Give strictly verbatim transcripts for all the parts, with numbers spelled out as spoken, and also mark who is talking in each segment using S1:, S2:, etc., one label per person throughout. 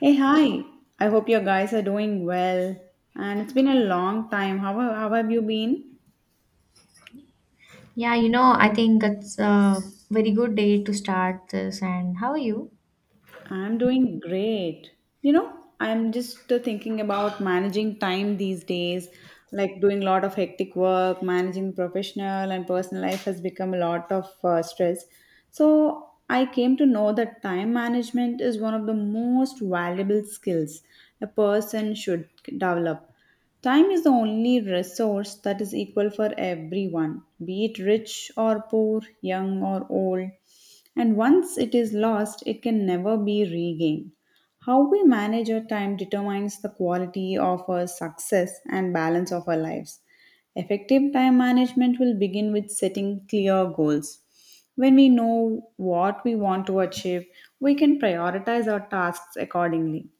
S1: Hey, hi. I hope your guys are doing well. And it's been a long time. How, how have you been?
S2: Yeah, you know, I think it's a very good day to start this. And how are you?
S1: I'm doing great. You know, I'm just uh, thinking about managing time these days, like doing a lot of hectic work, managing professional and personal life has become a lot of uh, stress. So, I came to know that time management is one of the most valuable skills a person should develop. Time is the only resource that is equal for everyone, be it rich or poor, young or old. And once it is lost, it can never be regained. How we manage our time determines the quality of our success and balance of our lives. Effective time management will begin with setting clear goals. When we know what we want to achieve, we can prioritize our tasks accordingly.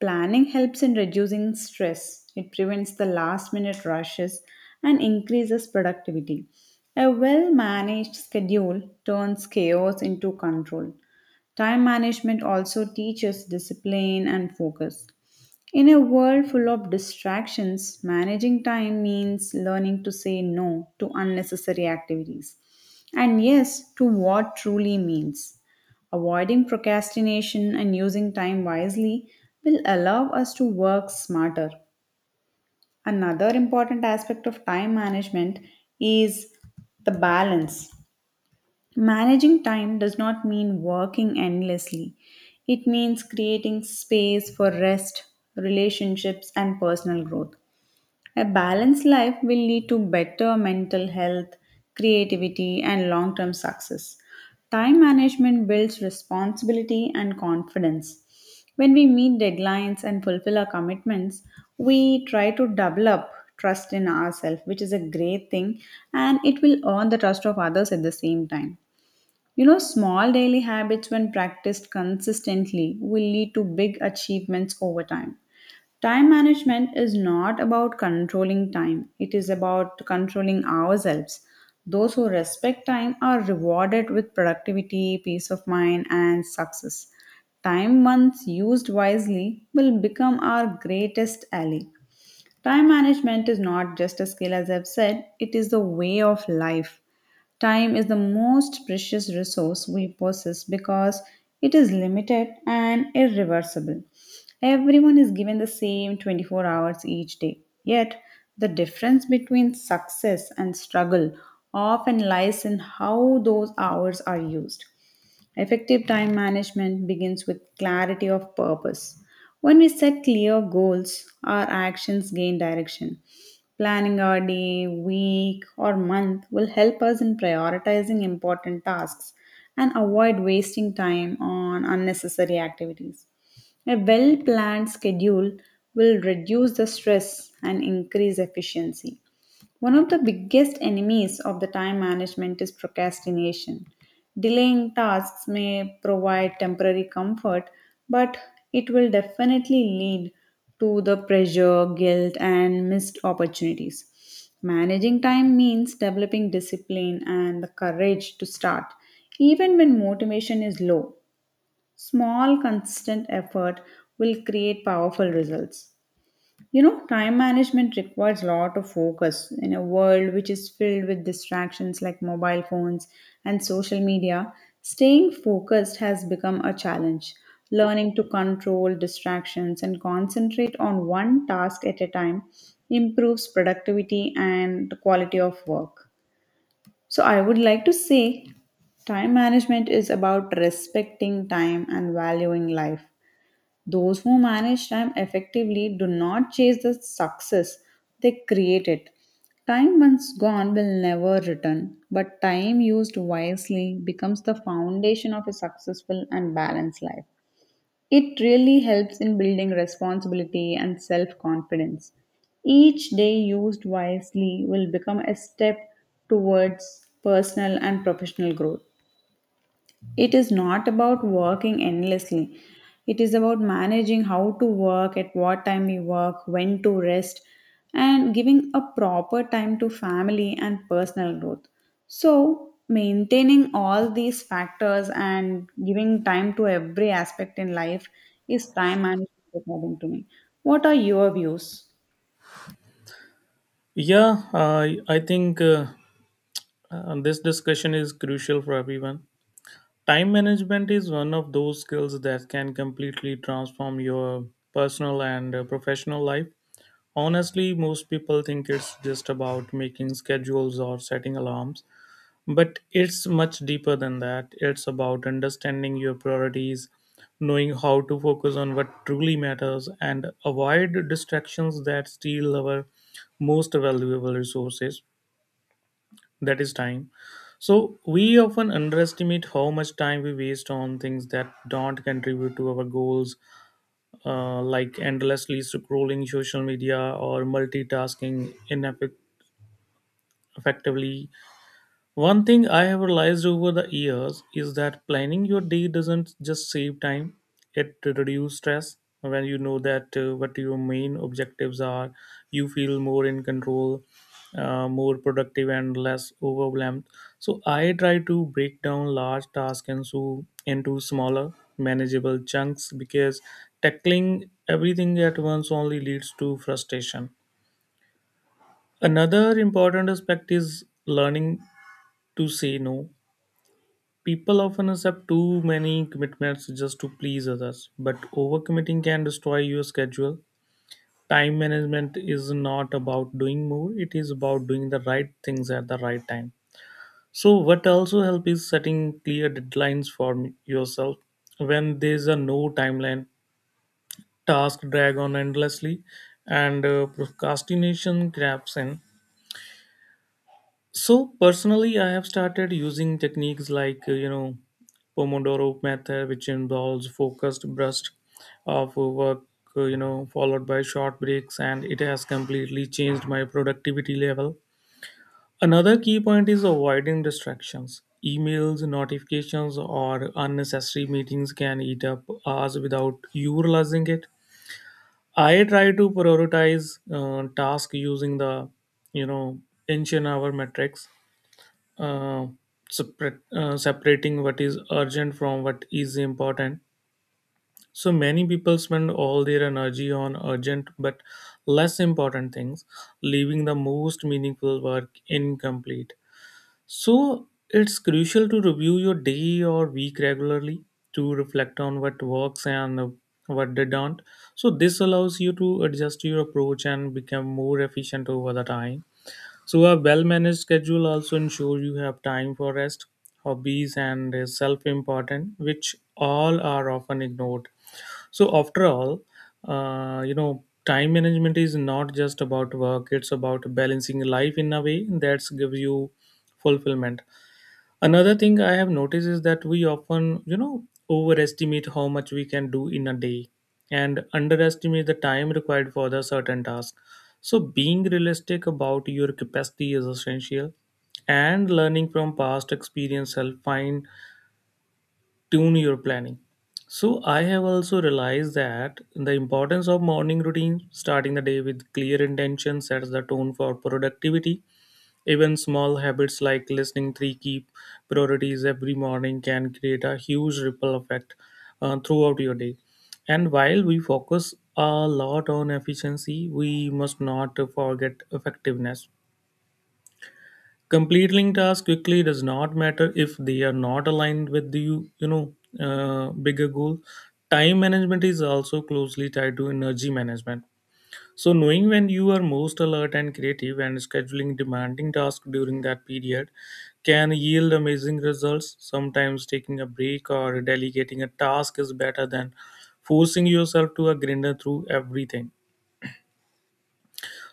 S1: Planning helps in reducing stress. It prevents the last minute rushes and increases productivity. A well managed schedule turns chaos into control. Time management also teaches discipline and focus. In a world full of distractions, managing time means learning to say no to unnecessary activities and yes to what truly means. Avoiding procrastination and using time wisely will allow us to work smarter. Another important aspect of time management is the balance. Managing time does not mean working endlessly. It means creating space for rest, relationships, and personal growth. A balanced life will lead to better mental health, creativity, and long term success. Time management builds responsibility and confidence. When we meet deadlines and fulfill our commitments, we try to develop trust in ourselves, which is a great thing, and it will earn the trust of others at the same time. You know, small daily habits, when practiced consistently, will lead to big achievements over time. Time management is not about controlling time, it is about controlling ourselves. Those who respect time are rewarded with productivity, peace of mind, and success. Time, once used wisely, will become our greatest ally. Time management is not just a skill, as I've said, it is the way of life. Time is the most precious resource we possess because it is limited and irreversible. Everyone is given the same twenty-four hours each day. Yet, the difference between success and struggle often lies in how those hours are used. Effective time management begins with clarity of purpose. When we set clear goals, our actions gain direction. Planning our day, week, or month will help us in prioritizing important tasks and avoid wasting time on unnecessary activities. A well planned schedule will reduce the stress and increase efficiency. One of the biggest enemies of the time management is procrastination. Delaying tasks may provide temporary comfort, but it will definitely lead to the pressure, guilt, and missed opportunities. Managing time means developing discipline and the courage to start, even when motivation is low. Small, consistent effort will create powerful results. You know, time management requires a lot of focus in a world which is filled with distractions like mobile phones and social media. Staying focused has become a challenge. Learning to control distractions and concentrate on one task at a time improves productivity and the quality of work. So, I would like to say time management is about respecting time and valuing life. Those who manage time effectively do not chase the success, they create it. Time once gone will never return, but time used wisely becomes the foundation of a successful and balanced life. It really helps in building responsibility and self confidence. Each day used wisely will become a step towards personal and professional growth. It is not about working endlessly. It is about managing how to work, at what time you work, when to rest, and giving a proper time to family and personal growth. So, maintaining all these factors and giving time to every aspect in life is time management, according to me. What are your views?
S3: Yeah, I I think uh, uh, this discussion is crucial for everyone. Time management is one of those skills that can completely transform your personal and uh, professional life. Honestly, most people think it's just about making schedules or setting alarms, but it's much deeper than that. It's about understanding your priorities, knowing how to focus on what truly matters, and avoid distractions that steal our most valuable resources, that is time. So we often underestimate how much time we waste on things that don't contribute to our goals, uh, like endlessly scrolling social media or multitasking ineffectively. One thing I have realized over the years is that planning your day doesn't just save time, it reduces stress. When you know that uh, what your main objectives are, you feel more in control, uh, more productive, and less overwhelmed. So, I try to break down large tasks into, into smaller, manageable chunks because tackling everything at once only leads to frustration. Another important aspect is learning to say no. People often accept too many commitments just to please others, but overcommitting can destroy your schedule. Time management is not about doing more, it is about doing the right things at the right time. So, what also helps is setting clear deadlines for m- yourself. When there's a no timeline, tasks drag on endlessly, and uh, procrastination creeps in. So personally, I have started using techniques like uh, you know Pomodoro method, which involves focused bursts of work, uh, you know, followed by short breaks, and it has completely changed my productivity level. Another key point is avoiding distractions. Emails, notifications, or unnecessary meetings can eat up hours without you realizing it. I try to prioritize uh, tasks using the you know inch an hour metrics, uh, separate, uh, separating what is urgent from what is important. So many people spend all their energy on urgent but less important things, leaving the most meaningful work incomplete. So it's crucial to review your day or week regularly to reflect on what works and what didn't. So this allows you to adjust your approach and become more efficient over the time. So, a well managed schedule also ensures you have time for rest, hobbies, and self important, which all are often ignored. So, after all, uh, you know, time management is not just about work, it's about balancing life in a way that gives you fulfillment. Another thing I have noticed is that we often, you know, overestimate how much we can do in a day and underestimate the time required for the certain task. So being realistic about your capacity is essential, and learning from past experience help fine tune your planning. So I have also realized that the importance of morning routine, starting the day with clear intention, sets the tone for productivity. Even small habits like listening three key priorities every morning can create a huge ripple effect uh, throughout your day. And while we focus a lot on efficiency, we must not forget effectiveness. Completing tasks quickly does not matter if they are not aligned with the you you know uh, bigger goal. Time management is also closely tied to energy management. So, knowing when you are most alert and creative and scheduling demanding tasks during that period can yield amazing results. Sometimes taking a break or delegating a task is better than forcing yourself to a grinder through everything.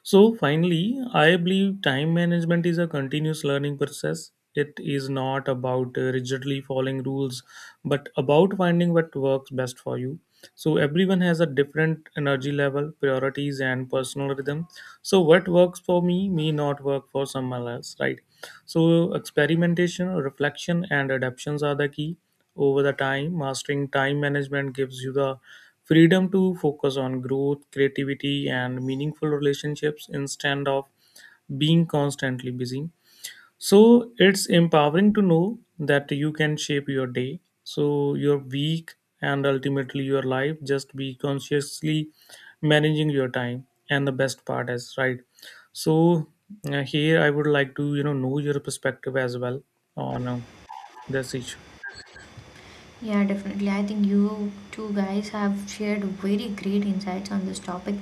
S3: So finally, I believe time management is a continuous learning process. It is not about uh, rigidly following rules, but about finding what works best for you. So everyone has a different energy level, priorities, and personal rhythm. So what works for me may not work for someone else, right? So experimentation, reflection, and adaptations are the key. Over the time, mastering time management gives you the Freedom to focus on growth, creativity, and meaningful relationships instead of being constantly busy. So it's empowering to know that you can shape your day, so your week, and ultimately your life. Just be consciously managing your time. And the best part is right. So uh, here I would like to you know know your perspective as well on uh, this issue.
S2: Yeah, definitely. I think you two guys have shared very great insights on this topic,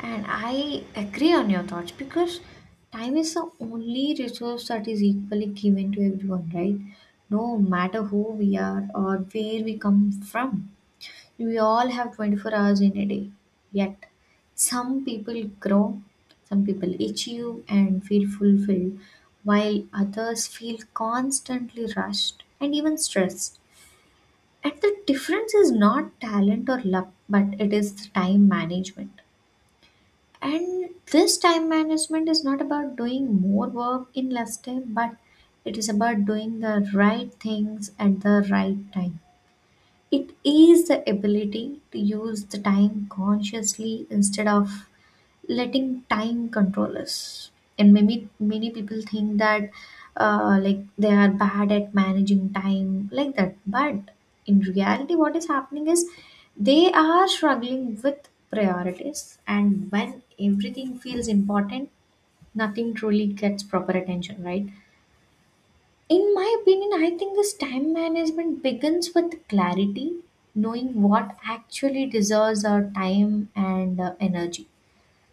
S2: and I agree on your thoughts because time is the only resource that is equally given to everyone, right? No matter who we are or where we come from. We all have twenty-four hours in a day. Yet, some people grow, some people achieve and feel fulfilled, while others feel constantly rushed and even stressed. And the difference is not talent or luck, but it is time management. And this time management is not about doing more work in less time, but it is about doing the right things at the right time. It is the ability to use the time consciously instead of letting time control us. And many many people think that uh, like they are bad at managing time like that. But in reality, what is happening is they are struggling with priorities. And when everything feels important, nothing truly gets proper attention, right? In my opinion, I think this time management begins with clarity, knowing what actually deserves our time and uh, energy.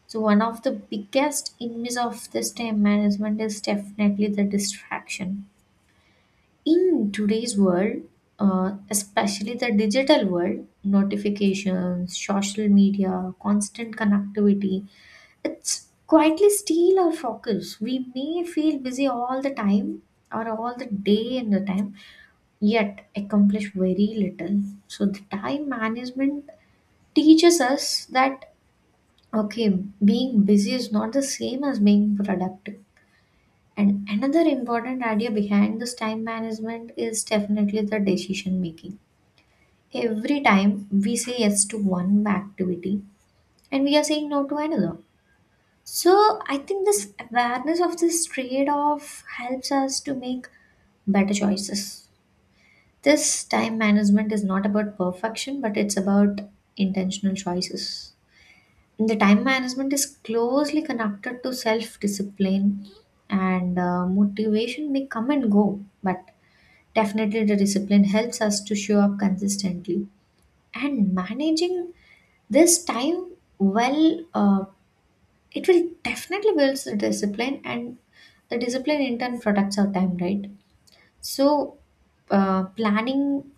S2: So, one of the biggest enemies of this time management is definitely the distraction. In today's world, uh, especially the digital world, notifications, social media, constant connectivity, it's quietly steal our focus. We may feel busy all the time or all the day and the time yet accomplish very little. So the time management teaches us that okay, being busy is not the same as being productive. And another important idea behind this time management is definitely the decision making. Every time we say yes to one activity and we are saying no to another. So I think this awareness of this trade off helps us to make better choices. This time management is not about perfection, but it's about intentional choices. The time management is closely connected to self discipline, and uh, motivation may come and go, but definitely the discipline helps us to show up consistently. And managing this time well, uh, it will definitely builds the discipline, and the discipline in turn protects our time, right? So, uh, planning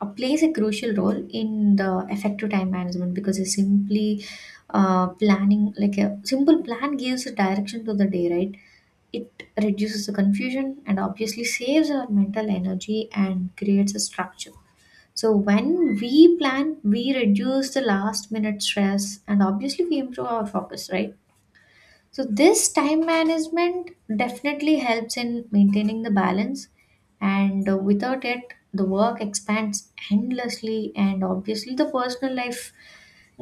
S2: uh, plays a crucial role in the effective time management, because it's simply, uh, planning, like a simple plan gives a direction to the day, right? It reduces the confusion and obviously saves our mental energy and creates a structure. So when we plan, we reduce the last minute stress and obviously we improve our focus, right? So, this time management definitely helps in maintaining the balance, and uh, without it, the work expands endlessly, and obviously, the personal life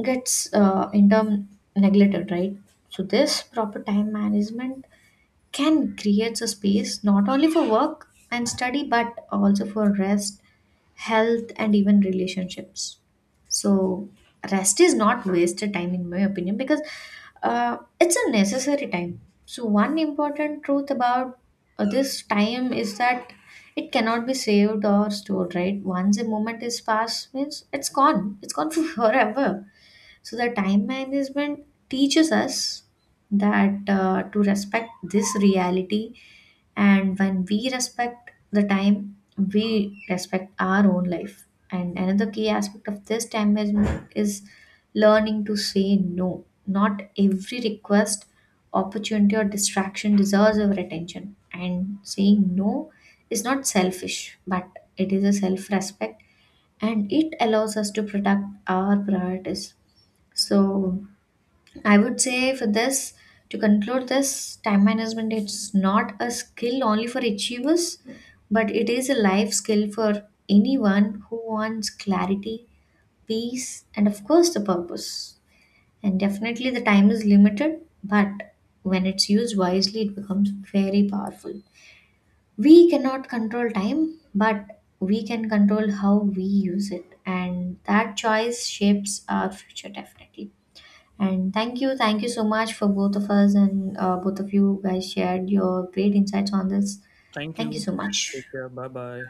S2: gets uh, in term neglected, right? So, this proper time management can create a space not only for work and study but also for rest, health, and even relationships. So, rest is not wasted time, in my opinion, because uh, it's a necessary time. So, one important truth about uh, this time is that it cannot be saved or stored, right? Once a moment is passed, means it's gone, it's gone forever. So the time management teaches us that uh, to respect this reality, and when we respect the time, we respect our own life. And another key aspect of this time management is learning to say no. Not every request, opportunity, or distraction deserves our attention. And saying no is not selfish, but it is a self respect, and it allows us to protect our priorities. So I would say, for this, to conclude this, time management is not a skill only for achievers, but it is a life skill for anyone who wants clarity, peace, and of course the purpose. And definitely the time is limited, but when it's used wisely, it becomes very powerful. We cannot control time, but we can control how we use it, and that choice shapes our future definitely. And thank you, thank you so much for both of us, and uh, both of you guys shared your great insights on this.
S3: Thank
S2: Thank you
S3: you.
S2: so much.
S3: Take care. Bye bye.